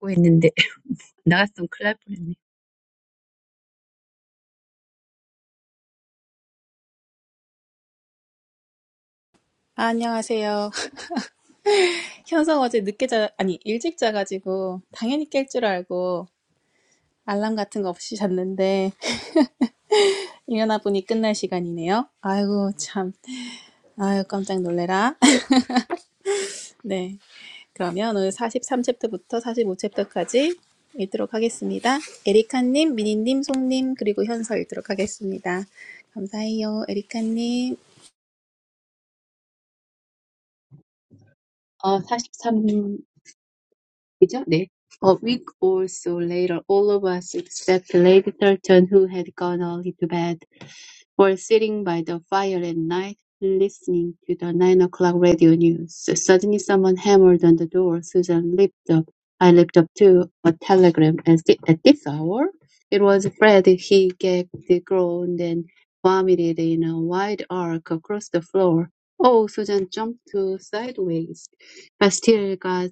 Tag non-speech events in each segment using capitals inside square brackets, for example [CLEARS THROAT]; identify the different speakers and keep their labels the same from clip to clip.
Speaker 1: 듣고 있는데 [LAUGHS] 나갔으면 큰일 날 뻔했네.
Speaker 2: 아, 안녕하세요. [LAUGHS] 현성 어제 늦게 자, 아니, 일찍 자가지고, 당연히 깰 줄 알고, 알람 같은 거 없이 잤는데, [LAUGHS] 일어나 보니 끝날 시간이네요. 아이고, 참. 아유, 깜짝 놀래라. [LAUGHS] 네. 그러면 오늘 43챕터부터 45챕터까지 읽도록 하겠습니다. 에리카님, 미니님, 송님, 그리고 현서 읽도록 하겠습니다. 감사해요, 에리카님.
Speaker 1: 어, 43이죠? 네. A week or so later, all of us except Lady Thurton, who had gone early to bed, or sitting by the fire at night, listening to the nine o'clock radio news. Suddenly someone hammered on the door. Susan leaped up. I leaped up too. A telegram at, thi- at this hour? It was Fred. He gagged, groaned, and vomited in a wide arc across the floor. Oh, Susan jumped to sideways. I still got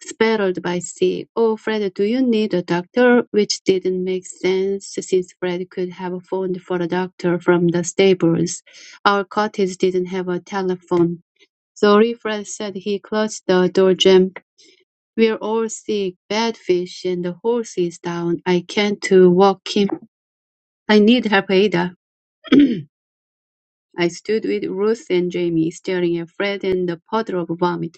Speaker 1: Spelled by C. Oh, Fred, do you need a doctor? Which didn't make sense since Fred could have phoned for a doctor from the stables. Our cottage didn't have a telephone. Sorry, Fred said he closed the door jam. We're all sick, bad fish, and the horse is down. I can't uh, walk him. I need help, Ada. [CLEARS THROAT] I stood with Ruth and Jamie, staring at Fred and the puddle of vomit.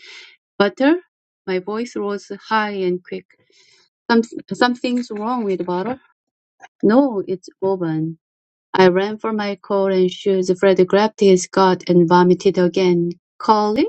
Speaker 1: Butter? My voice rose high and quick. Some, something's wrong with the bottle? No, it's open. I ran for my coat and shoes. Fred grabbed his coat and vomited again. Colin?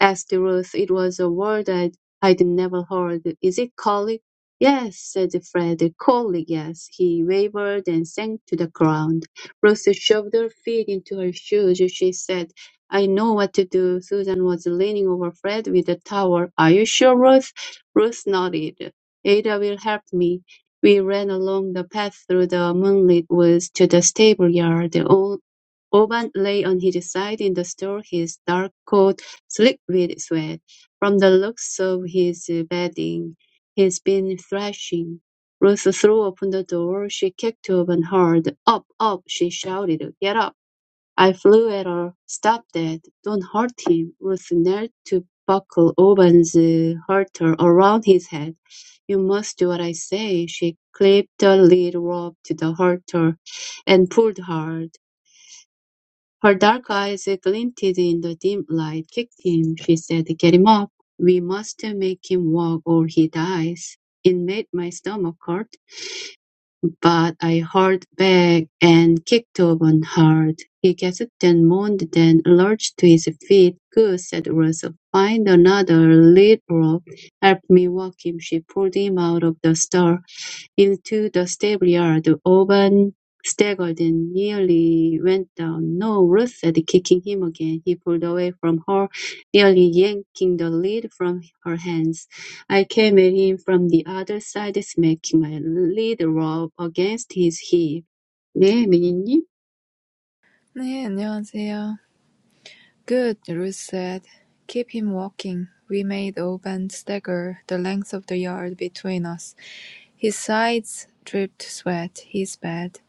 Speaker 1: asked Ruth. It was a word I'd, I'd never heard. Is it collie? Yes, said Fred. Collie, yes. He wavered and sank to the ground. Ruth shoved her feet into her shoes. She said, I know what to do. Susan was leaning over Fred with a towel. Are you sure, Ruth? Ruth nodded. Ada will help me. We ran along the path through the moonlit woods to the stable yard. Oban lay on his side in the store. his dark coat slick with sweat. From the looks of his bedding, he's been thrashing. Ruth threw open the door. She kicked Oban hard. Up, up, she shouted. Get up. I flew at her. Stop that. Don't hurt him. Ruth knelt to buckle Oban's uh, halter around his head. You must do what I say. She clipped the lead rope to the halter and pulled hard. Her dark eyes glinted in the dim light. "Kick him," she said. "Get him up. We must make him walk or he dies." It made my stomach hurt but I hauled back and kicked Auburn hard. He gasped and moaned, then lurched to his feet. Good, said Russell. Find another lead rope. Help me walk him. She pulled him out of the stall into the stable yard. Auburn staggered and nearly went down. No, Ruth said, kicking him again. He pulled away from her, nearly yanking the lead from her hands. I came at him from the other side, smacking my lead rope against his hip. 네, 미니님.
Speaker 3: 네, 안녕하세요. Good, Ruth said. Keep him walking. We made Oban stagger the length of the yard between us. His sides dripped sweat. He's bad,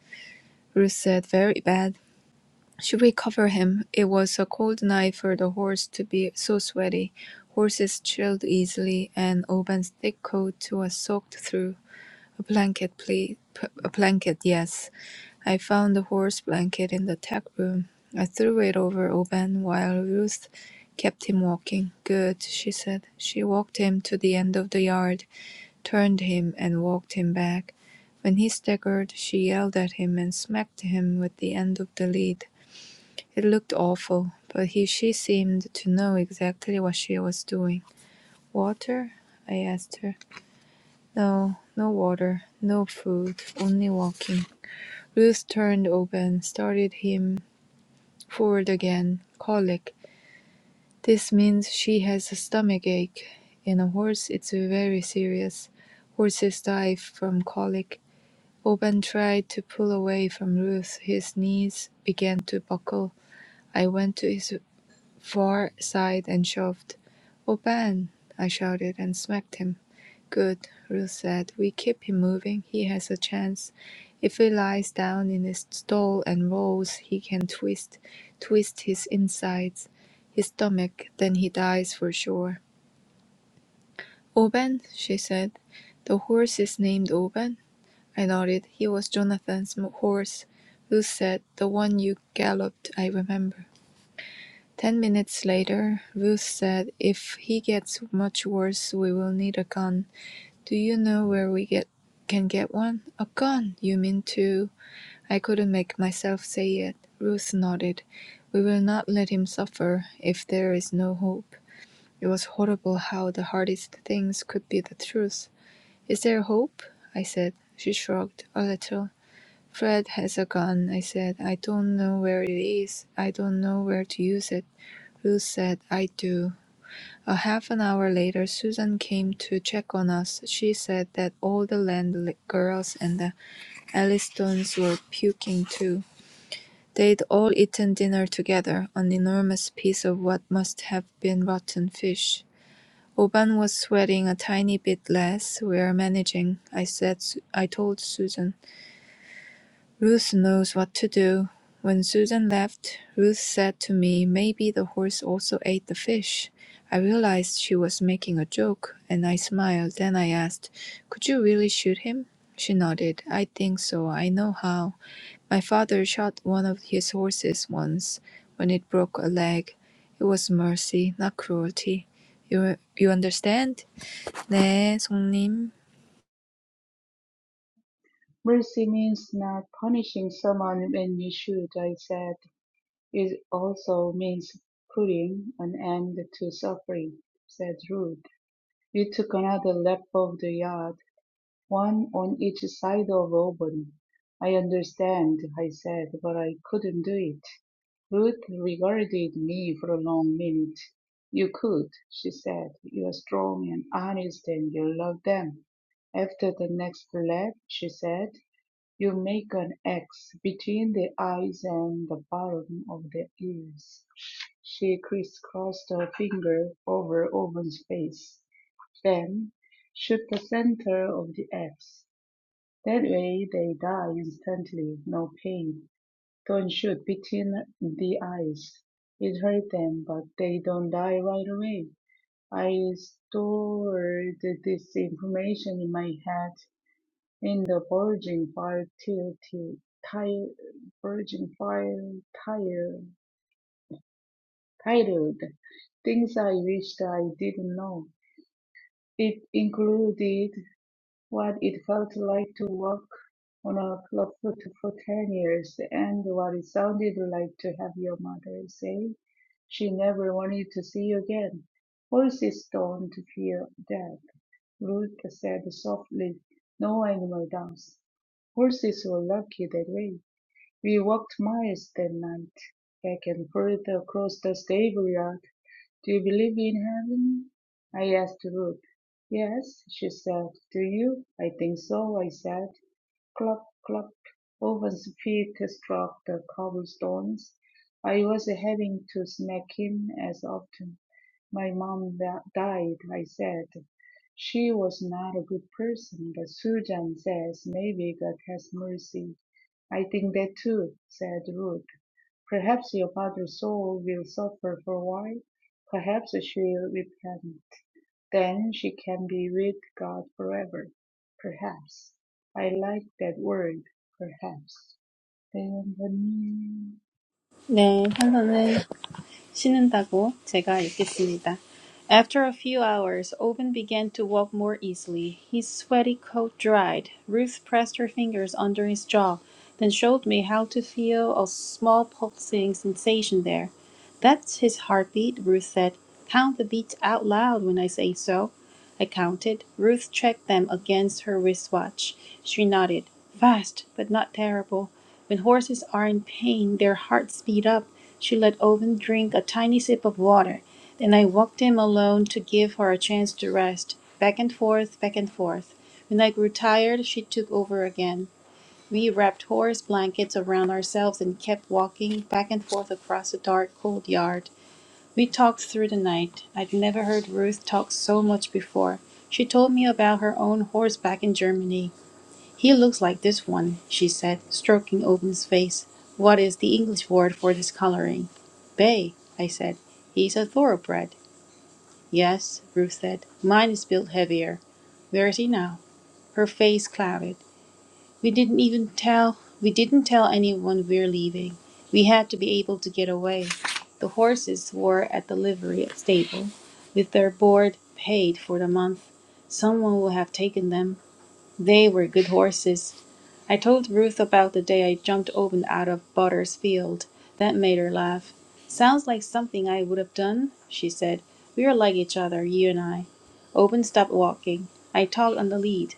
Speaker 3: Ruth said, very bad. Should we cover him? It was a cold night for the horse to be so sweaty. Horses chilled easily, and Oban's thick coat was soaked through. A blanket, please. A blanket, yes. I found the horse blanket in the tech room. I threw it over Oban while Ruth kept him walking. Good, she said. She walked him to the end of the yard, turned him, and walked him back. When he staggered, she yelled at him and smacked him with the end of the lead. It looked awful, but he, she seemed to know exactly what she was doing. Water? I asked her. No, no water, no food, only walking. Ruth turned Oban, started him Ford again, colic. This means she has a stomach ache. In a horse it's very serious. Horses die from colic. Oban tried to pull away from Ruth. His knees began to buckle. I went to his far side and shoved. "Oban!" I shouted and smacked him. Good, Ruth said. We keep him moving. He has a chance. If he lies down in his stall and rolls, he can twist, twist his insides, his stomach, then he dies for sure. Oben, she said. The horse is named Oben? I nodded. He was Jonathan's m- horse. Ruth said, the one you galloped, I remember. Ten minutes later, Ruth said, if he gets much worse, we will need a gun. Do you know where we get can get one? A gun! You mean to I couldn't make myself say it. Ruth nodded. We will not let him suffer if there is no hope. It was horrible how the hardest things could be the truth. Is there hope? I said. She shrugged a little. Fred has a gun, I said. I don't know where it is. I don't know where to use it. Ruth said, I do. A half an hour later Susan came to check on us. She said that all the Land girls and the Allistons were puking too. They'd all eaten dinner together, an enormous piece of what must have been rotten fish. Oban was sweating a tiny bit less. We're managing, I said. I told Susan. Ruth knows what to do. When Susan left, Ruth said to me, Maybe the horse also ate the fish. I realized she was making a joke, and I smiled. Then I asked, Could you really shoot him? She nodded. I think so. I know how. My father shot one of his horses once when it broke a leg. It was mercy, not cruelty. You, you understand? 네, 송님.
Speaker 4: Mercy means not punishing someone when you should, I said. It also means putting an end to suffering, said Ruth. We took another lap of the yard, one on each side of Auburn. I understand, I said, but I couldn't do it. Ruth regarded me for a long minute. You could, she said. You are strong and honest and you love them. After the next lap, she said. You make an X between the eyes and the bottom of the ears. She crisscrossed her finger over Owen's face, then shoot the center of the X. That way they die instantly, no pain. Don't shoot between the eyes. It hurt them, but they don't die right away. I stored this information in my head in the Virgin File titled Things I Wished I Didn't Know. It included what it felt like to work on a club for, for 10 years and what it sounded like to have your mother say she never wanted to see you again. Horses don't fear death. Rulke said softly. "No animal does. Horses were lucky that way. We walked miles that night, back and forth across the stable yard. Do you believe in heaven? I asked Ruth. Yes, she said. Do you? I think so, I said. Cluck, cluck. Owen's feet struck the cobblestones. I was having to smack him as often. My mom da- died, I said. She was not a good person, but Susan says maybe God has mercy. I think that too, said Ruth. Perhaps your mother's soul will suffer for a while. Perhaps she'll repent. Then she can be with God forever. Perhaps. I like that word, perhaps. 내 영혼이
Speaker 2: 네, 현서는 신는다고 제가 읽겠습니다. After a few hours, Owen began to walk more easily. His sweaty coat dried. Ruth pressed her fingers under his jaw, then showed me how to feel a small pulsing sensation there. That's his heartbeat, Ruth said. Count the beats out loud when I say so. I counted. Ruth checked them against her wristwatch. She nodded. Fast, but not terrible. When horses are in pain, their hearts speed up. She let Owen drink a tiny sip of water. Then I walked him alone to give her a chance to rest. Back and forth, back and forth. When I grew tired, she took over again. We wrapped horse blankets around ourselves and kept walking back and forth across the dark, cold yard. We talked through the night. I'd never heard Ruth talk so much before. She told me about her own horseback in Germany. "He looks like this one," she said, stroking Owen's face. "What is the English word for this coloring?" "Bay," I said. "He's a thoroughbred." "Yes," Ruth said. "Mine is built heavier. Where is he now?" Her face clouded. "We didn't even tell we didn't tell anyone we're leaving. We had to be able to get away." The horses were at the livery stable, with their board paid for the month. Someone would have taken them. They were good horses. I told Ruth about the day I jumped open out of Butter's field. That made her laugh. Sounds like something I would have done, she said. We're like each other, you and I. Open stopped walking. I tugged on the lead.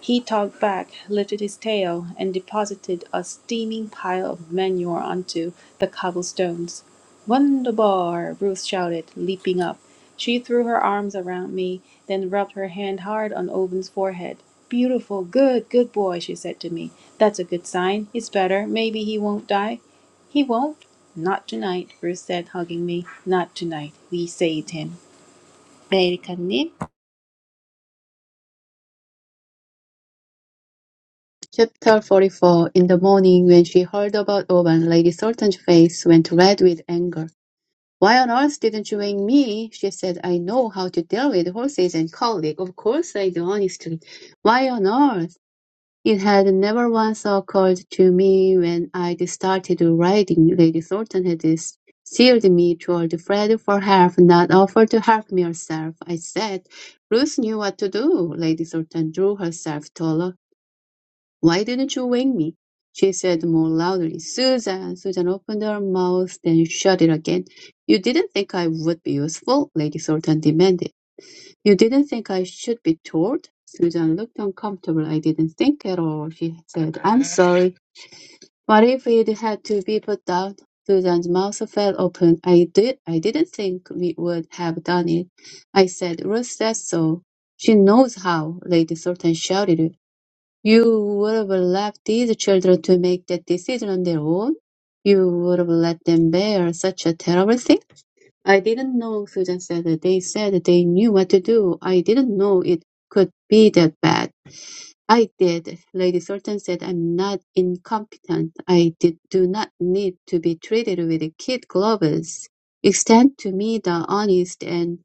Speaker 2: He talked back, lifted his tail, and deposited a steaming pile of manure onto the cobblestones. "Wunderbar!" Ruth shouted, leaping up. She threw her arms around me, then rubbed her hand hard on Owen's forehead. "Beautiful! Good! Good boy!" she said to me. "That's a good sign. It's better. Maybe he won't die." "He won't." "Not tonight," Ruth said, hugging me. "Not tonight. We saved him." "메리 카님."
Speaker 1: Chapter 44 In the morning, when she heard about Oban, Lady Sultan's face went red with anger. Why on earth didn't you wake me? She said, I know how to deal with horses and colleagues. Of course I do, honestly. Why on earth? It had never once occurred to me when I started writing. Lady Thornton had steered me toward Fred for help, not offered to help me herself. I said, Ruth knew what to do. Lady Thornton drew herself taller. Why didn't you wake me? She said more loudly, Susan. Susan opened her mouth, then shut it again. You didn't think I would be useful? Lady Thornton demanded. You didn't think I should be told? Susan looked uncomfortable. I didn't think at all, she said. I'm sorry. What if it had to be put down? Susan's mouth fell open. I did I didn't think we would have done it. I said, Ruth said so. She knows how, Lady Sultan shouted. You would have left these children to make that decision on their own? You would have let them bear such a terrible thing? I didn't know, Susan said. They said they knew what to do. I didn't know it could be that bad. I did. Lady Sultan said I'm not incompetent. I did, do not need to be treated with kid gloves. Extend to me the honest and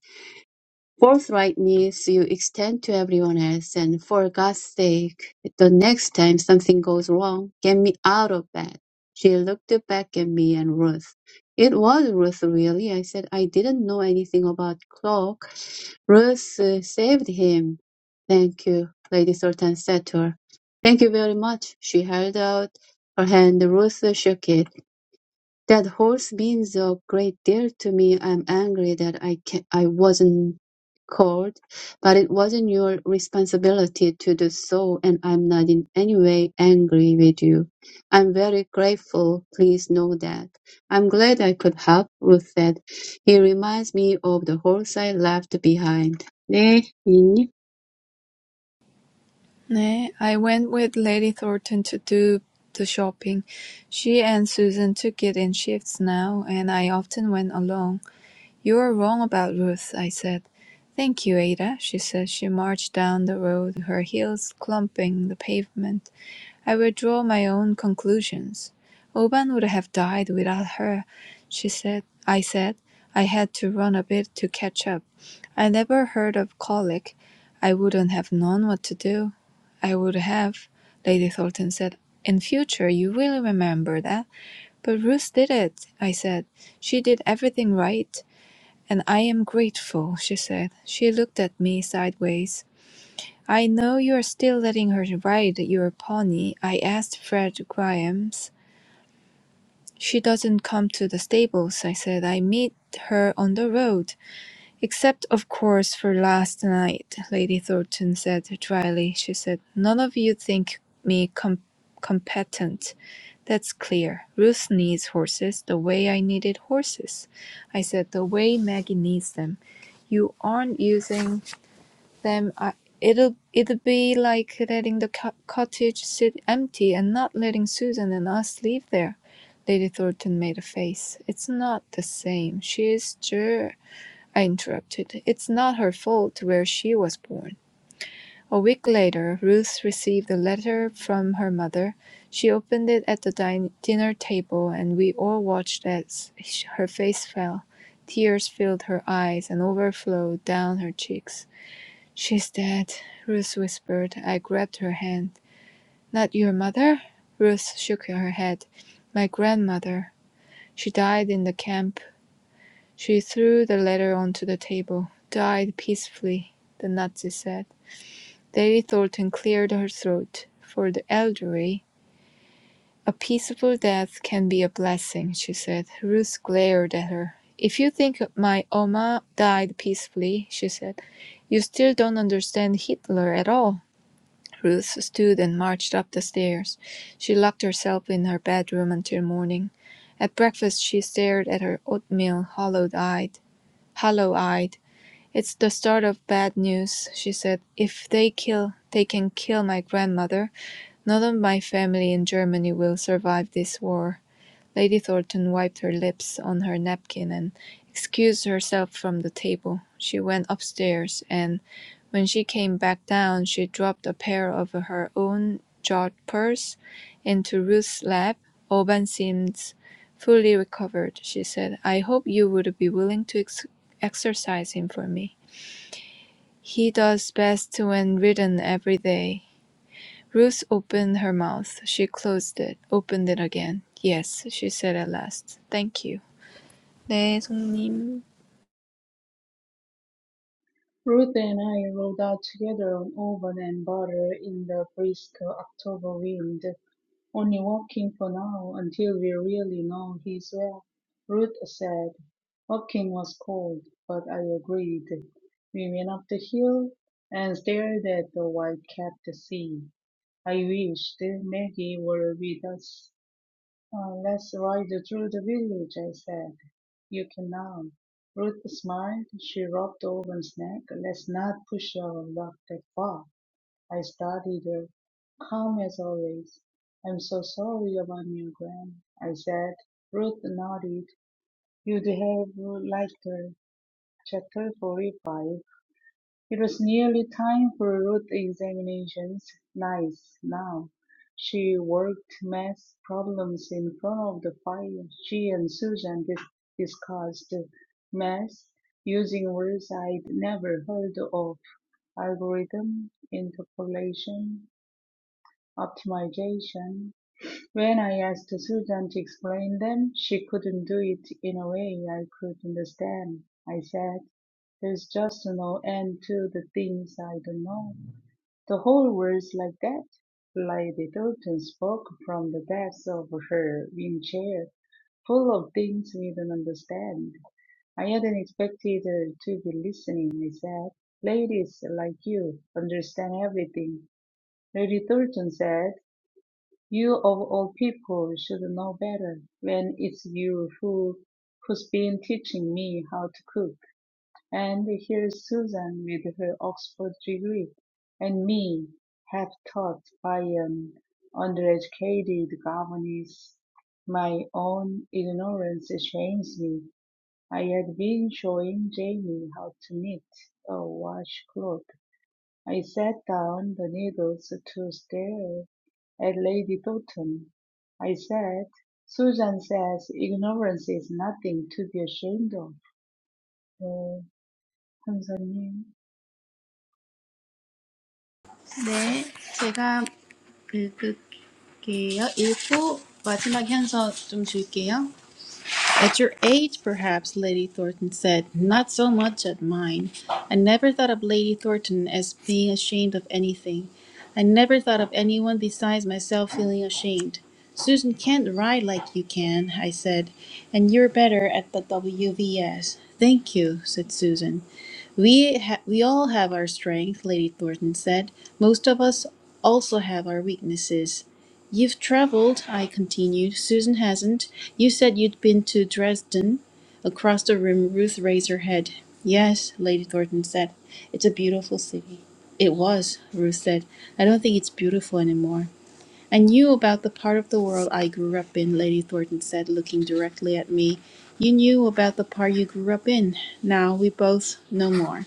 Speaker 1: forthrightness you extend to everyone else, and for God's sake, the next time something goes wrong, get me out of bed. She looked back at me and Ruth. It was Ruth, really. I said I didn't know anything about clock. Ruth uh, saved him. Thank you, Lady Sultan said to her. Thank you very much. She held out her hand. Ruth shook it. That horse means a great deal to me. I'm angry that I can I wasn't called, but it wasn't your responsibility to do so, and I'm not in any way angry with you. I'm very grateful. Please know that. I'm glad I could help. Ruth said. He reminds me of the horse I left behind. 네, 이님.
Speaker 3: No, I went with Lady Thornton to do the shopping. She and Susan took it in shifts now, and I often went alone. You are wrong about Ruth, I said. Thank you, Ada, she said. She marched down the road, her heels clumping the pavement. I will draw my own conclusions. Oban would have died without her, she said. I said. I had to run a bit to catch up. I never heard of colic. I wouldn't have known what to do. I would have, Lady Thornton said. In future, you will remember that. But Ruth did it, I said. She did everything right, and I am grateful, she said. She looked at me sideways. I know you are still letting her ride your pony. I asked Fred Grimes. She doesn't come to the stables, I said. I meet her on the road. "Except, of course, for last night," Lady Thornton said dryly. She said, "None of you think me com- competent. That's clear. Ruth needs horses, the way I needed horses. I said the way Maggie needs them. You aren't using them. I, it'll it'd be like letting the co- cottage sit empty and not letting Susan and us live there." Lady Thornton made a face. "It's not the same. She is sure." I interrupted. It's not her fault where she was born. A week later Ruth received a letter from her mother. She opened it at the din- dinner table, and we all watched as her face fell. Tears filled her eyes and overflowed down her cheeks. She's dead, Ruth whispered. I grabbed her hand. Not your mother? Ruth shook her head. My grandmother. She died in the camp she threw the letter onto the table. "Died peacefully," the Nazi said. Lady Thornton cleared her throat. "For the elderly, a peaceful death can be a blessing," she said. Ruth glared at her. "If you think my Oma died peacefully," she said, "you still don't understand Hitler at all." Ruth stood and marched up the stairs. She locked herself in her bedroom until morning. At breakfast she stared at her oatmeal hollow eyed. Hollow eyed. "It's the start of bad news," she said. "If they kill, they can kill my grandmother. None of my family in Germany will survive this war." Lady Thornton wiped her lips on her napkin and excused herself from the table. She went upstairs, and when she came back down she dropped a pair of her own jeweled pearls into Ruth's lap. "Oban seems fully recovered," she said. "I hope you would be willing to ex exercise him for me." He does best when ridden every day. Ruth opened her mouth. She closed it. Opened it again. Yes, she said at last. Thank you. 네, 송님.
Speaker 4: Ruth and I rode out together on oven and butter in the brisk October wind, only walking for now until we really know he's well. Ruth said. Walking was cold, but I agreed. We went up the hill and stared at the white capped sea. I wished Maggie were with us. "Oh, let's ride through the village," I said. "You can now." Ruth smiled. She rubbed Owen's neck. "Let's not push our luck that far." I studied her, calm as always. "I'm so sorry about your Gran," I said. Ruth nodded. "You'd have liked her. Chapter 45 it was nearly time for root examinations. Nice, now. She worked math problems in front of the fire. She and Susan dis- discussed math using words I'd never heard of algorithm, interpolation, optimization. When I asked Susan to explain them, she couldn't do it in a way I could understand. I said, There's just no end to the things I don't know. The whole world's like that. Lady Doughton spoke from the depths of her wing chair, full of things we don't understand. I hadn't expected her to be listening, I said. Ladies like you understand everything. Lady Thornton said. You of all people should know better when it's you who who's been teaching me how to cook. And here's Susan with her Oxford degree, and me half taught by an undereducated governess. My own ignorance shames me. I had been showing Jamie how to knit a washcloth I set down the needles to stare at Lady Doughton. I said, "Susan says ignorance is nothing to be ashamed of." 네, 감사님.
Speaker 2: 네, 제가 읽을게요. 읽고 마지막 현서 좀 줄게요. At your age, perhaps, Lady Thornton said, not so much at mine. I never thought of Lady Thornton as being ashamed of anything. I never thought of anyone besides myself feeling ashamed. Susan can't ride like you can, I said, and you're better at the WVS. Thank you, said Susan. We, ha- we all have our strength, Lady Thornton said. Most of us also have our weaknesses. You've traveled, I continued. Susan hasn't. You said you'd been to Dresden. Across the room, Ruth raised her head. Yes, Lady Thornton said. It's a beautiful city. It was, Ruth said. I don't think it's beautiful anymore. I knew about the part of the world I grew up in, Lady Thornton said, looking directly at me. You knew about the part you grew up in. Now we both know more.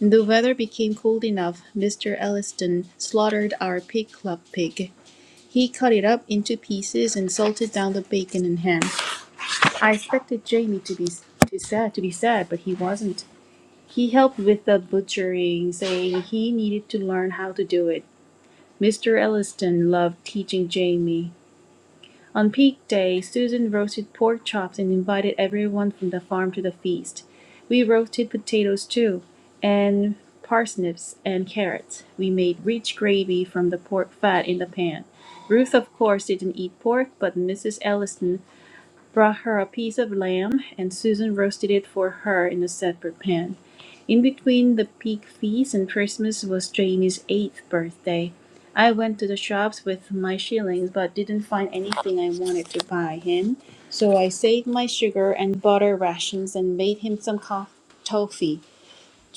Speaker 2: The weather became cold enough. Mr. Elliston slaughtered our pig club pig. He cut it up into pieces and salted down the bacon and ham. I expected Jamie to be to sad to be sad, but he wasn't. He helped with the butchering, saying he needed to learn how to do it. Mr. Elliston loved teaching Jamie. On peak day, Susan roasted pork chops and invited everyone from the farm to the feast. We roasted potatoes too, and parsnips and carrots. We made rich gravy from the pork fat in the pan. Ruth, of course, didn't eat pork, but Mrs. Ellison brought her a piece of lamb, and Susan roasted it for her in a separate pan. In between the pig feast and Christmas was Janie's eighth birthday. I went to the shops with my shillings, but didn't find anything I wanted to buy him. So I saved my sugar and butter rations and made him some co- toffee.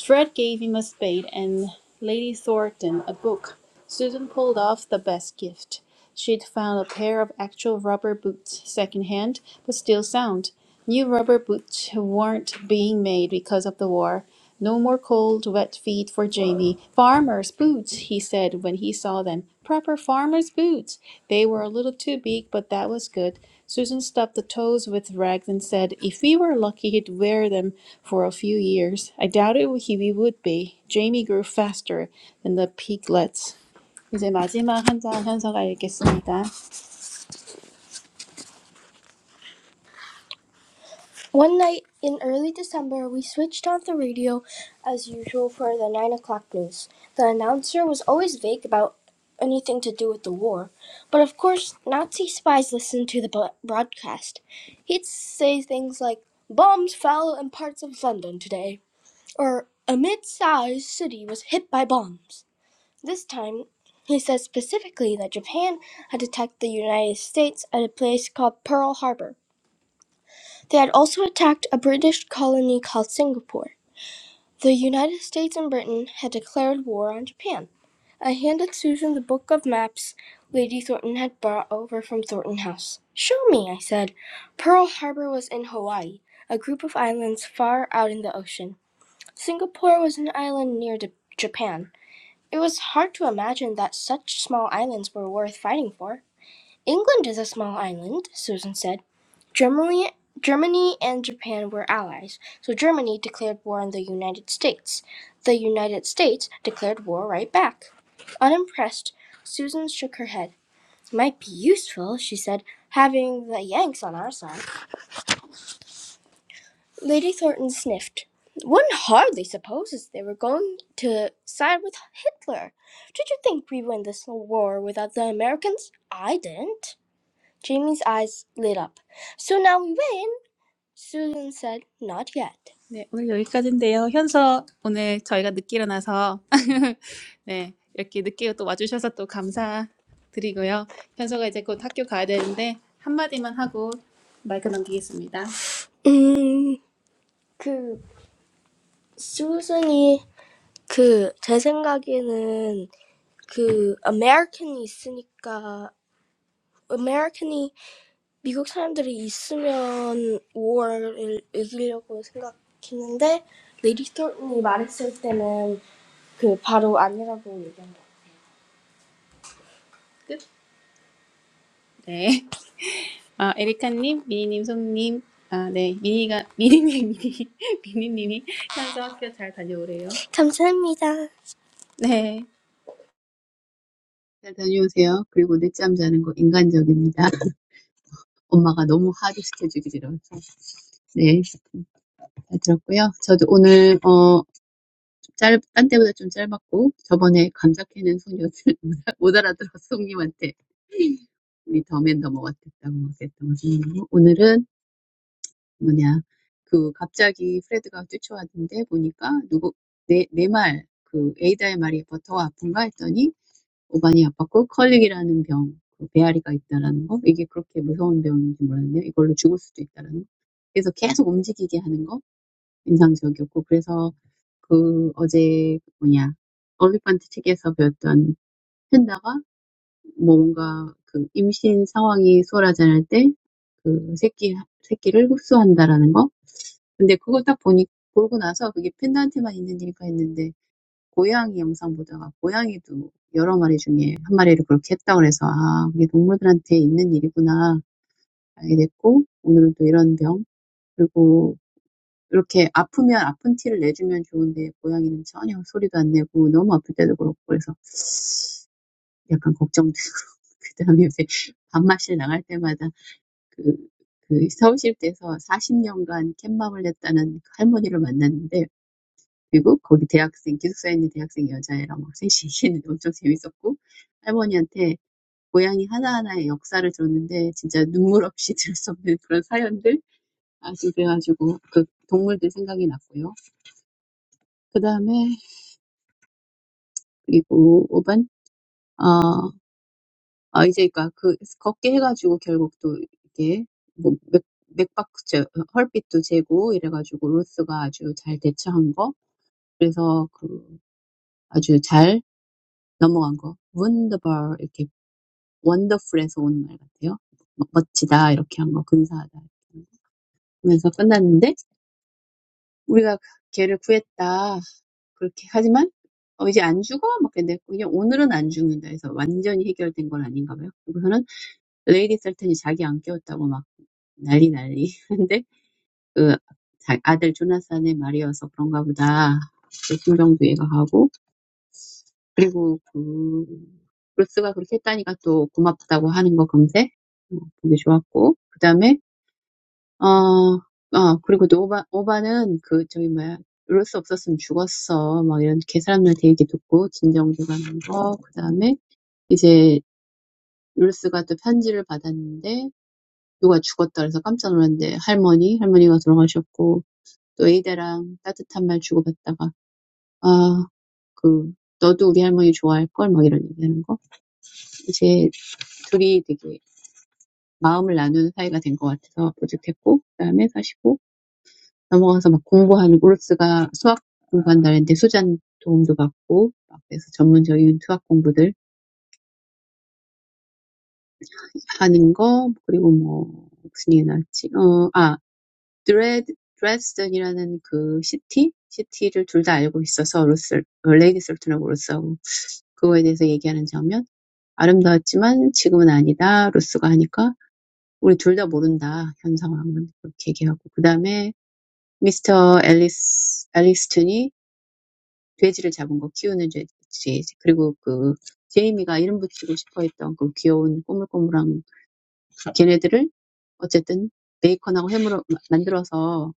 Speaker 2: Fred gave him a spade and Lady Thornton a book. Susan pulled off the best gift. She'd found a pair of actual rubber boots, second hand, but still sound. New rubber boots weren't being made because of the war. No more cold, wet feet for Jamie. Farmer's boots, he said when he saw them. Proper farmer's boots. They were a little too big, but that was good. Susan stuffed the toes with rags and said, If we were lucky, he'd wear them for a few years. I doubted he we would be. Jamie grew faster than the piglets. 이제 마지막 한장 현서가 읽겠습니다. One night in early December, we switched on the radio as usual for the 9 o'clock news. The announcer was always vague about anything to do with the war, but of course, Nazi spies listened to the broadcast. He'd say things like, Bombs fell in parts of London today, or a mid sized city was hit by bombs. This time, he said specifically that Japan had attacked the United States at a place called Pearl Harbor. They had also attacked a British colony called Singapore. The United States and Britain had declared war on Japan. I handed Susan the book of maps Lady Thornton had brought over from Thornton House. Show me, I said. Pearl Harbor was in Hawaii, a group of islands far out in the ocean. Singapore was an island near Japan. It was hard to imagine that such small islands were worth fighting for. England is a small island, Susan said. Germany, Germany and Japan were allies, so Germany declared war on the United States. The United States declared war right back. Unimpressed, Susan shook her head. "It Might be useful, she said, having the Yanks on our side. Lady Thornton sniffed. One hardly supposes they were going to side with Hitler. Did you think we win this war without the Americans? I didn't. Jamie's eyes lit up. So now we win? Susan said, Not yet. 네, 오늘 여기까지인데요. 현서 오늘 저희가 늦게 일어나서 [LAUGHS] 네, 이렇게 늦게 또 와주셔서 또 감사드리고요. 현서가 이제 곧 학교 가야 되는데 한마디만 하고 마이크 넘기겠습니다. 음, 그, 수순이, 그, 제 생각에는, 그, American이 있으니까, American이 미국 사람들이 있으면 5월을 이기려고 생각했는데 레디 스톤이 말했을 때는 그 바로 아니라고 얘기한 것 끝? 네. 아, 에리카님, 미니님, 송님. 아, 네. 미니가, 미니님, 미니, [LAUGHS] 미니님이 현서 학교 잘 다녀오래요. 감사합니다. 네.
Speaker 1: 잘 다녀오세요. 그리고 늦잠 자는 거 인간적입니다. [LAUGHS] 엄마가 너무 하도 시켜주기로. 네. 잘 들었고요. 저도 오늘 어, 짧, 딴 때보다 좀 짧았고 저번에 감자캐는 소녀들 [LAUGHS] 못 알아들어서 송님한테 우리 더맨 더머 같았다고 막 했던 거고 오늘은 뭐냐 그 갑자기 프레드가 뛰쳐왔는데 보니까 누구 내내말그 에이다의 말이 버터가 아픈가 했더니 오반이 아팠고 컬릭이라는 병, 그 배앓이가 있다라는 거 이게 그렇게 무서운 병인지 몰랐네요. 이걸로 죽을 수도 있다라는 거. 그래서 계속 움직이게 하는 거 인상적이었고 그래서 그 어제 그 뭐냐 올리펀트 책에서 배웠던 팬다가뭐 뭔가 그 임신 상황이 수월하지 때그 새끼 새끼를 흡수한다라는 거. 근데 그거 딱 보니 보고 나서 그게 팬다한테만 있는 일일까 했는데 고양이 영상 보다가 고양이도 여러 마리 중에 한 마리를 그렇게 했다 그래서 아 이게 동물들한테 있는 일이구나 알게 됐고 오늘은 또 이런 병 그리고 이렇게 아프면 아픈 티를 내주면 좋은데 고양이는 전혀 소리도 안 내고 너무 아플 때도 그렇고 그래서 약간 걱정되고 [LAUGHS] 그다음에 요새 밥맛실 나갈 때마다 그, 그 서울시립대에서 40년간 캣맘을 했다는 그 할머니를 만났는데 그리고 거기 대학생 기숙사에 있는 대학생 여자애랑 막 셋이 있는데 엄청 재밌었고 할머니한테 고양이 하나하나의 역사를 들었는데 진짜 눈물 없이 [LAUGHS] 들을 수 없는 그런 사연들 아주 그래가지고 그 동물들 생각이 났고요. 그 다음에 그리고 5번, 어, 아, 이제, 그니까, 그, 걷게 해가지고 결국 또, 이게, 뭐, 맥, 맥박스, 제- 헐빛도 재고, 이래가지고 로스가 아주 잘 대처한 거. 그래서 그, 아주 잘 넘어간 거. wonderful, 이렇게, wonderful에서 오는 말 같아요. 멋- 멋지다, 이렇게 한 거, 근사하다. 이렇게 한 거. 그러면서 끝났는데, 우리가 걔를 구했다. 그렇게, 하지만, 어, 이제 안 죽어? 막 근데 그냥 오늘은 안 죽는다 해서 완전히 해결된 건 아닌가 봐요. 그래서는 레이디 셀튼이 자기 안 깨웠다고 막 난리 난리. [LAUGHS] 근데 그 자- 아들 조나산의 말이어서 그런가 보다. 그 심정도 이해가 하고 그리고 그 브루스가 그렇게 했다니까 또 고맙다고 하는 거 금세 어, 보기 좋았고 그 다음에 어어 그리고 또 오바 오바는 그 저기 뭐야 브루스 없었으면 죽었어 막 이런 개 사람들한테 얘기 듣고 진정도 가는 거그 다음에 이제 루스가 또 편지를 받았는데 누가 죽었다 그래서 깜짝 놀랐는데 할머니, 할머니가 돌아가셨고 또 A대랑 따뜻한 말 주고받다가 아, 그 너도 우리 할머니 좋아할걸 막 이런 얘기하는 거. 이제 둘이 되게 마음을 나누는 사이가 된 것 같아서 뿌듯했고 그다음에 사시고 넘어가서 막 공부하는 오르스가 수학 공부한다 했는데 수잔 도움도 받고 그래서 전문적인 수학 공부들 하는 거 그리고 뭐 무슨 얘기 나왔지? 어, 아 드레드, 드레스덴이라는 그 시티? 시티를 둘 다 알고 있어서 로스, 어, 레이디 솔튼하고 로스하고 그거에 대해서 얘기하는 장면. 아름다웠지만 지금은 아니다. 로스가 하니까 우리 둘 다 모른다. 현 상황은 그렇게 얘기하고 그 다음에 미스터 앨리스 앨리스튼이 돼지를 잡은 거 키우는 돼지 그리고 그 제이미가 이름 붙이고 싶어 했던 그 귀여운 꼬물꼬물한 걔네들을 어쨌든 베이컨하고 햄으로 만들어서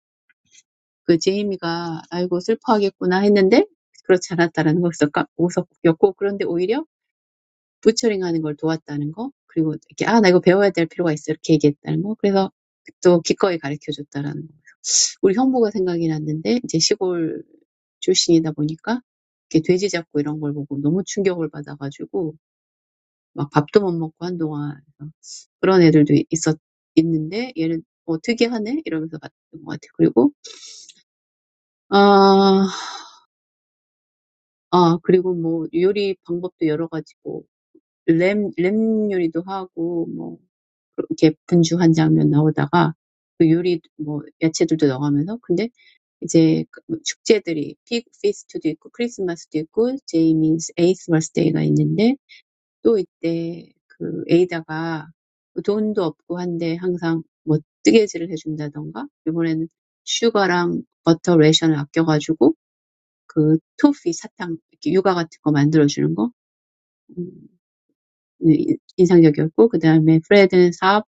Speaker 1: 그 제이미가 아이고 슬퍼하겠구나 했는데 그렇지 않았다라는 걸 웃었- 웃었고 그런데 오히려 부처링하는 걸 도왔다는 거 그리고 이렇게 아 나 이거 배워야 될 필요가 있어 이렇게 얘기했다는 거 그래서 또 기꺼이 가르쳐 줬다라는 거 우리 형부가 생각이 났는데 이제 시골 출신이다 보니까 이렇게 돼지 잡고 이런 걸 보고 너무 충격을 받아가지고 막 밥도 못 먹고 한동안 그런 애들도 있었 있는데 얘는 뭐 특이하네 이러면서 봤던 것 같아요 그리고 아 아 그리고 뭐 요리 방법도 여러 가지고 램, 램 요리도 하고 뭐 이렇게 분주한 장면 나오다가 그 요리 뭐 야채들도 어가면서 근데 이제 그뭐 축제들이 픽 피스트도 있고 크리스마스도 있고 제이미's 에이스 버스데이가 있는데 또 이때 그 에이다가 뭐 돈도 없고 한데 항상 뭐 뜨개질을 해준다던가 이번에는 슈가랑 버터 레이션을 아껴가지고 그 토피 사탕 이렇게 유과 같은 거 만들어주는 거 음, 인상적이었고 그 다음에 프레드 사업,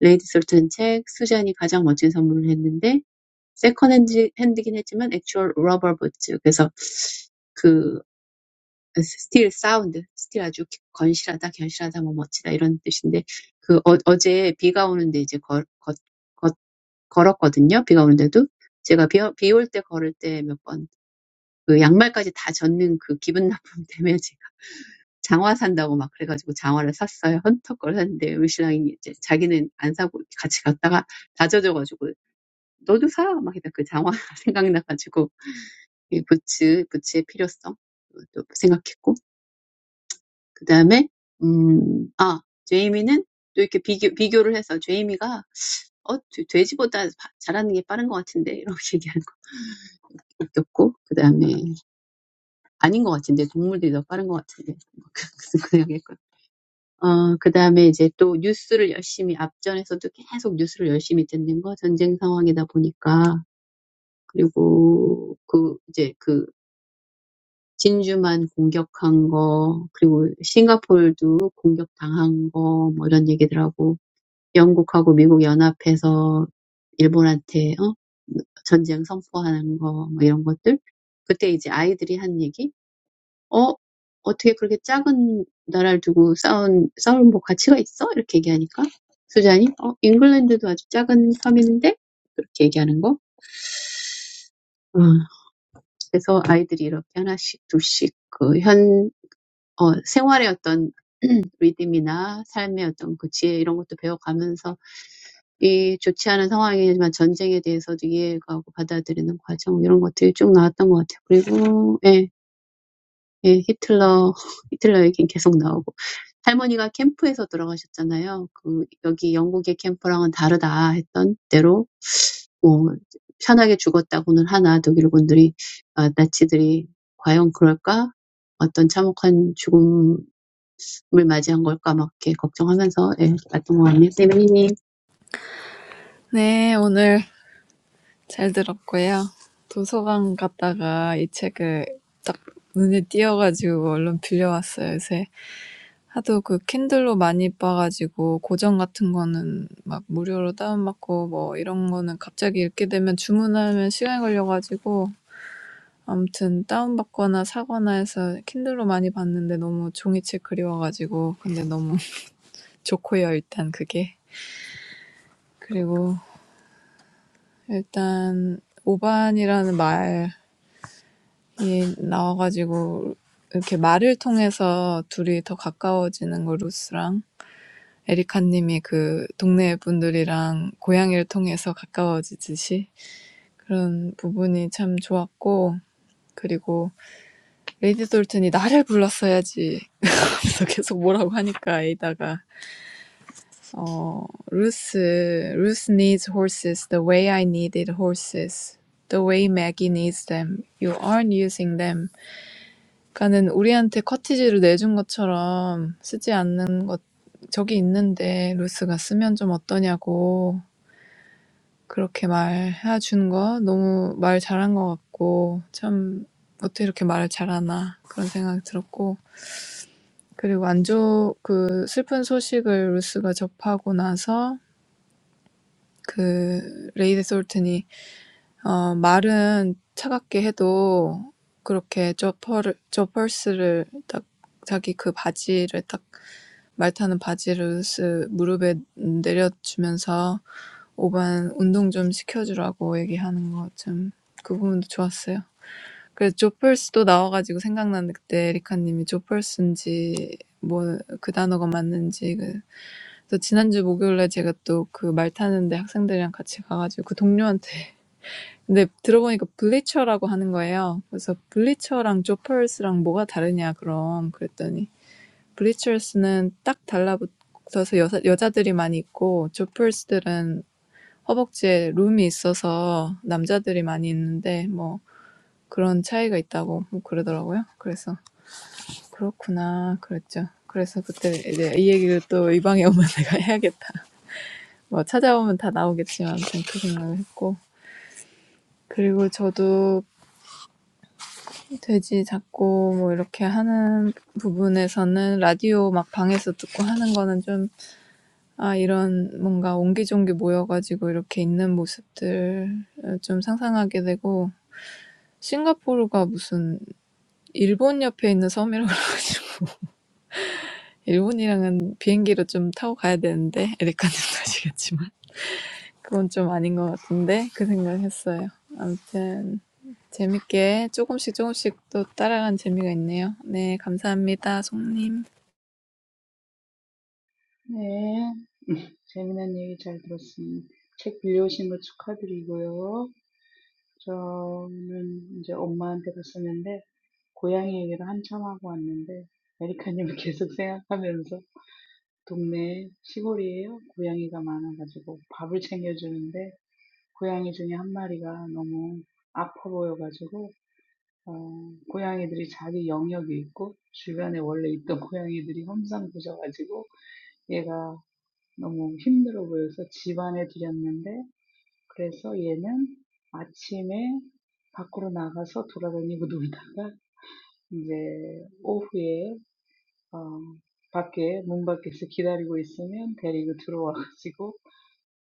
Speaker 1: 레이디 솔튼 책, 수잔이 가장 멋진 선물을 했는데 세컨핸드 핸드긴 했지만 액추얼 러버 부츠 그래서 그 스틸 사운드 스틸 아주 건실하다 견실하다 뭐 멋지다 이런 뜻인데 그 어, 어제 비가 오는데 이제 걸, 걷, 걷, 걸었거든요 비가 오는데도 제가 비, 비올 때 걸을 때 몇 번 그 양말까지 다 젖는 그 기분 나쁨 [LAUGHS] 때문에 장화 산다고 막 그래가지고 장화를 샀어요. 헌터 걸 샀는데 우리 신랑이 이제 자기는 안 사고 같이 갔다가 다 젖어가지고 너도 사! 막 이랬다. 그 장화 [LAUGHS] 생각나가지고 이 부츠, 부츠의 필요성 또 생각했고 그 다음에 음, 아 제이미는 또 이렇게 비교, 비교를 해서 제이미가 어, 돼- 돼지보다 바- 자라는 게 빠른 것 같은데 이렇게 [LAUGHS] 얘기하는 거 느꼈고 그 다음에 아닌 것 같은데 동물들이 더 빠른 것 같은데 [LAUGHS] 그 생각했고 어, 그 다음에 이제 또 뉴스를 열심히, 앞전에서도 계속 뉴스를 열심히 듣는 거, 전쟁 상황이다 보니까. 그리고 그, 이제 그, 진주만 공격한 거, 그리고 싱가포르도 공격당한 거, 뭐 이런 얘기들 하고, 영국하고 미국 연합해서 일본한테, 어? 전쟁 선포하는 거, 뭐 이런 것들. 그때 이제 아이들이 한 얘기? 어? 어떻게 그렇게 작은 나라를 두고 싸운, 싸울 뭐 가치가 있어? 이렇게 얘기하니까 수잔이 어, 잉글랜드도 아주 작은 섬인데 그렇게 얘기하는 거. 어, 그래서 아이들이 이렇게 하나씩 둘씩 그 현, 어, 생활의 어떤 리듬이나 삶의 어떤 그 지혜 이런 것도 배워가면서 이 좋지 않은 상황이지만 전쟁에 대해서도 이해가고 받아들이는 과정 이런 것들이 쭉 나왔던 것 같아요. 그리고 예. 예, 히틀러, 히틀러 얘기는 계속 나오고. 할머니가 캠프에서 돌아가셨잖아요. 그, 여기 영국의 캠프랑은 다르다 했던 대로, 뭐, 편하게 죽었다고는 하나, 독일군들이, 아, 나치들이 과연 그럴까? 어떤 참혹한 죽음을 맞이한 걸까? 막 이렇게 걱정하면서, 예, 봤던 것 같네요. 네, 미니님.
Speaker 3: 네, 오늘 잘 들었고요. 도서관 갔다가 이 책을 딱 눈에 띄어가지고 얼른 빌려왔어요, 요새. 하도 그 캔들로 많이 봐가지고 고전 같은 거는 막 무료로 다운받고 뭐 이런 거는 갑자기 읽게 되면 주문하면 시간이 걸려가지고 아무튼 다운받거나 사거나 해서 킨들로 많이 봤는데 너무 종이책 그리워가지고 근데 너무 [LAUGHS] 좋고요, 일단 그게. 그리고 일단 오반이라는 말이 나와가지고 이렇게 말을 통해서 둘이 더 가까워지는 거 루스랑 에리카님이 그 동네 분들이랑 고양이를 통해서 가까워지듯이 그런 부분이 참 좋았고 그리고 레이디 돌튼이 나를 불렀어야지 So, 계속 뭐라고 하니까, 이다가, oh, Ruth, Ruth needs horses the way I needed horses, the way Maggie needs them. You aren't using them. 까는 우리한테 cottage를 내준 것처럼 쓰지 않는 것, 저기 있는데, Ruth가 쓰면 좀 어떠냐고 그렇게 말 해준 거. 너무 말 잘한 거 같고, 참 어떻게 이렇게 말을 잘하나 그런 생각 들었고. 그리고 안좋그 슬픈 소식을 루스가 접하고 나서 그 레이디 솔튼이 어 말은 차갑게 해도 그렇게 저퍼를 저펄스를 딱 자기 그 바지를 딱 말타는 바지를 루스 무릎에 내려주면서 오반 운동 좀 시켜주라고 얘기하는 거좀그 부분도 좋았어요. 그래서 조펄스도 나와가지고 생각나는데 그때 에리카님이 조펄스인지 뭐그 단어가 맞는지 그래서 지난주 목요일에 제가 또 그 말 타는데 학생들이랑 같이 가가지고 그 동료한테 [LAUGHS] 근데 들어보니까 블리처라고 하는 거예요. 그래서 블리처랑 조퍼스랑 뭐가 다르냐 그럼 그랬더니 블리처스는 딱 달라붙어서 여자, 여자들이 많이 있고 조퍼스들은 허벅지에 룸이 있어서 남자들이 많이 있는데 뭐 그런 차이가 있다고 뭐 그러더라고요. 그래서 그렇구나 그랬죠. 그래서 그때 이제 이 얘기를 또 이 방에 오면 내가 [LAUGHS] 해야겠다. 뭐 찾아보면 다 나오겠지만 아무튼 그 생각을 했고 그리고 저도 돼지 잡고 뭐 이렇게 하는 부분에서는 라디오 막 방에서 듣고 하는 거는 좀 아 이런 뭔가 옹기종기 모여가지고 이렇게 있는 모습들 좀 상상하게 되고 싱가포르가 무슨 일본 옆에 있는 섬이라고. 그래가지고 [LAUGHS] 일본이랑은 비행기로 좀 타고 가야 되는데 에리카님 아시겠지만 그건 좀 아닌 것 같은데 그 생각했어요. 아무튼 재밌게 조금씩 조금씩 또 따라가는 재미가 있네요. 네, 감사합니다, 송님.
Speaker 4: 네, 재미난 얘기 잘 들었습니다. 책 빌려오신 거 축하드리고요. 저는 이제 엄마한테 갔었는데, 고양이 얘기를 한참 하고 왔는데, 메리카님을 [LAUGHS] 계속 생각하면서, 동네 시골이에요. 고양이가 많아가지고 밥을 챙겨주는데, 고양이 중에 한 마리가 너무 아파 보여가지고 어 고양이들이 자기 영역이 있고 주변에 원래 있던 [LAUGHS] 고양이들이 험상 부져 가지고 얘가 너무 힘들어 보여서 집안에 들였는데 그래서 얘는 아침에 밖으로 나가서 돌아다니고 [LAUGHS] 놀다가 이제 오후에 어 밖에 문 밖에서 기다리고 있으면 데리고 들어와가지고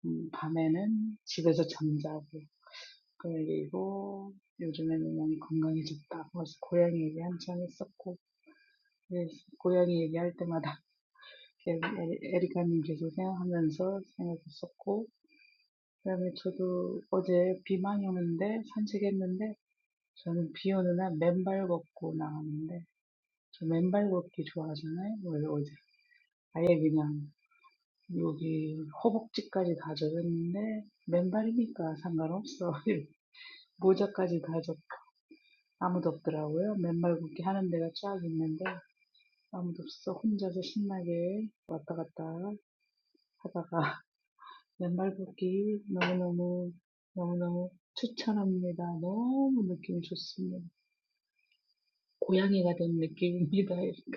Speaker 4: 음 밤에는 집에서 잠자고 그리고 요즘에는 많이 건강해졌다. 벌써 고양이 얘기 한참 했었고, 그래서 고양이 얘기할 때마다 [LAUGHS] 에- 에리카님 계속 생각하면서 생각했었고, 그다음에 저도 어제 비 많이 오는데 산책했는데, 저는 비 오는 날 맨발 걷고 나가는데, 저 맨발 걷기 좋아하잖아요. 원래 어제 아예 그냥 여기 허벅지까지 다 젖었는데 맨발이니까 상관없어. [LAUGHS] 모자까지 다 젖고 아무도 없더라고요. 맨발걷기 하는 데가 쫙 있는데 아무도 없어. 혼자서 신나게 왔다 갔다 하다가 [LAUGHS] 맨발걷기 너무너무 너무너무 추천합니다. 너무 느낌이 좋습니다. 고양이가 된 느낌입니다. [LAUGHS]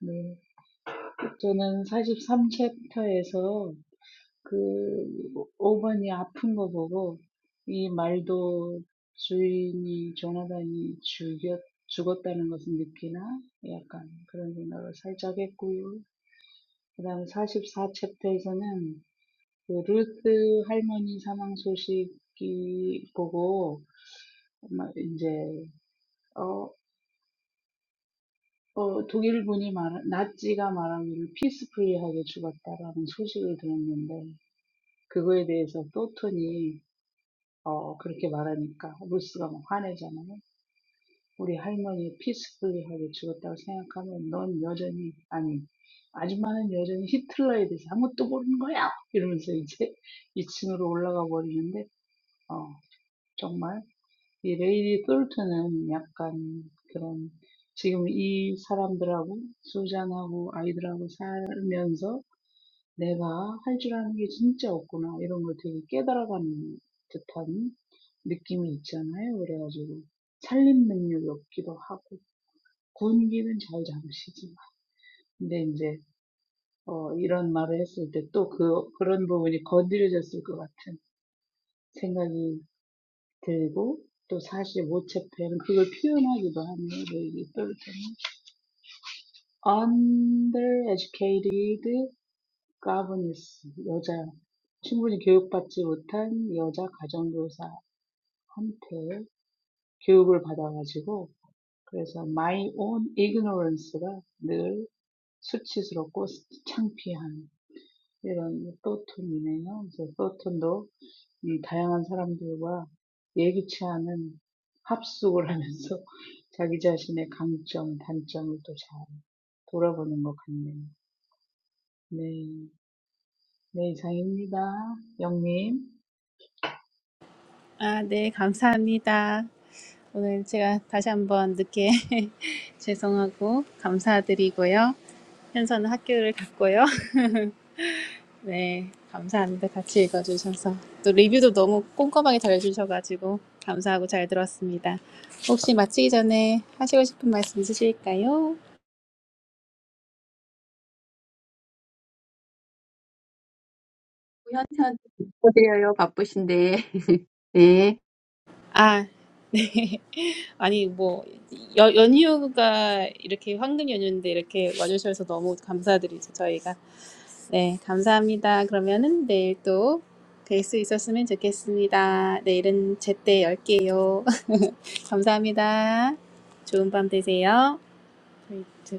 Speaker 4: 네. 저는 43챕터에서 그 5번이 아픈 거 보고 이 말도 주인이 조나단이 죽였 죽었다는 것을 느끼나 약간 그런 생각을 살짝 했고요. 그다음에 44 챕터에서는 그 루스 할머니 사망 소식이 보고 막 이제 어, 어 독일 분이 말 나치가 말하기를 피스프리하게 죽었다라는 소식을 들었는데 그거에 대해서 또톤이 어, 그렇게 말하니까 루스가 막 화내잖아요. 우리 할머니 피스풀리하게 죽었다고 생각하면 넌 여전히 아니 아줌마는 여전히 히틀러에 대해서 아무것도 모르는 거야 이러면서 이제 [LAUGHS] 2층으로 올라가 버리는데 어 정말 이 레이디 똘트는 약간 그런 지금 이 사람들하고 수잔하고 아이들하고 살면서 '내가 할 줄 아는 게 진짜 없구나.' 이런 걸 되게 깨달아가는 듯한 느낌이 있잖아요. 그래가지고 살림 능력이 없기도 하고 군기는 잘 잡으시지만 근데 이제 어 이런 말을 했을 때 또 그 그런 부분이 건드려졌을 것 같은 생각이 들고 또 사실 모체팬은 그걸 표현하기도 하네요. 내입 Undereducated 까브니스, 여자, 충분히 교육받지 못한 여자 가정교사한테 교육을 받아가지고, 그래서 my own ignorance가 늘 수치스럽고 창피한 이런 또톤이네요. 그래서 또톤도 다양한 사람들과 예기치 않은 합숙을 하면서 [LAUGHS] 자기 자신의 강점, 단점을 또 잘 돌아보는 것 같네요. 네, 네 이상입니다. 영님.
Speaker 2: 아, 네. 감사합니다. 오늘 제가 다시 한번 늦게 [LAUGHS] 죄송하고 감사드리고요. 현서는 학교를 갔고요. [LAUGHS] 네, 감사합니다. 같이 읽어주셔서. 또 리뷰도 너무 꼼꼼하게 잘 해주셔가지고 감사하고 잘 들었습니다. 혹시 마치기 전에 하시고 싶은 말씀 있으실까요?
Speaker 1: 현태한테 축드려요 바쁘신데. 네.
Speaker 2: 아, 네. [LAUGHS] 아니, 뭐, 여, 연휴가 이렇게 황금 연휴인데 이렇게 와주셔서 너무 감사드리죠, 저희가. 네, 감사합니다. 그러면은 내일 또뵐수 있었으면 좋겠습니다. 내일은 제때 열게요. [LAUGHS] 감사합니다. 좋은 밤 되세요. 저희-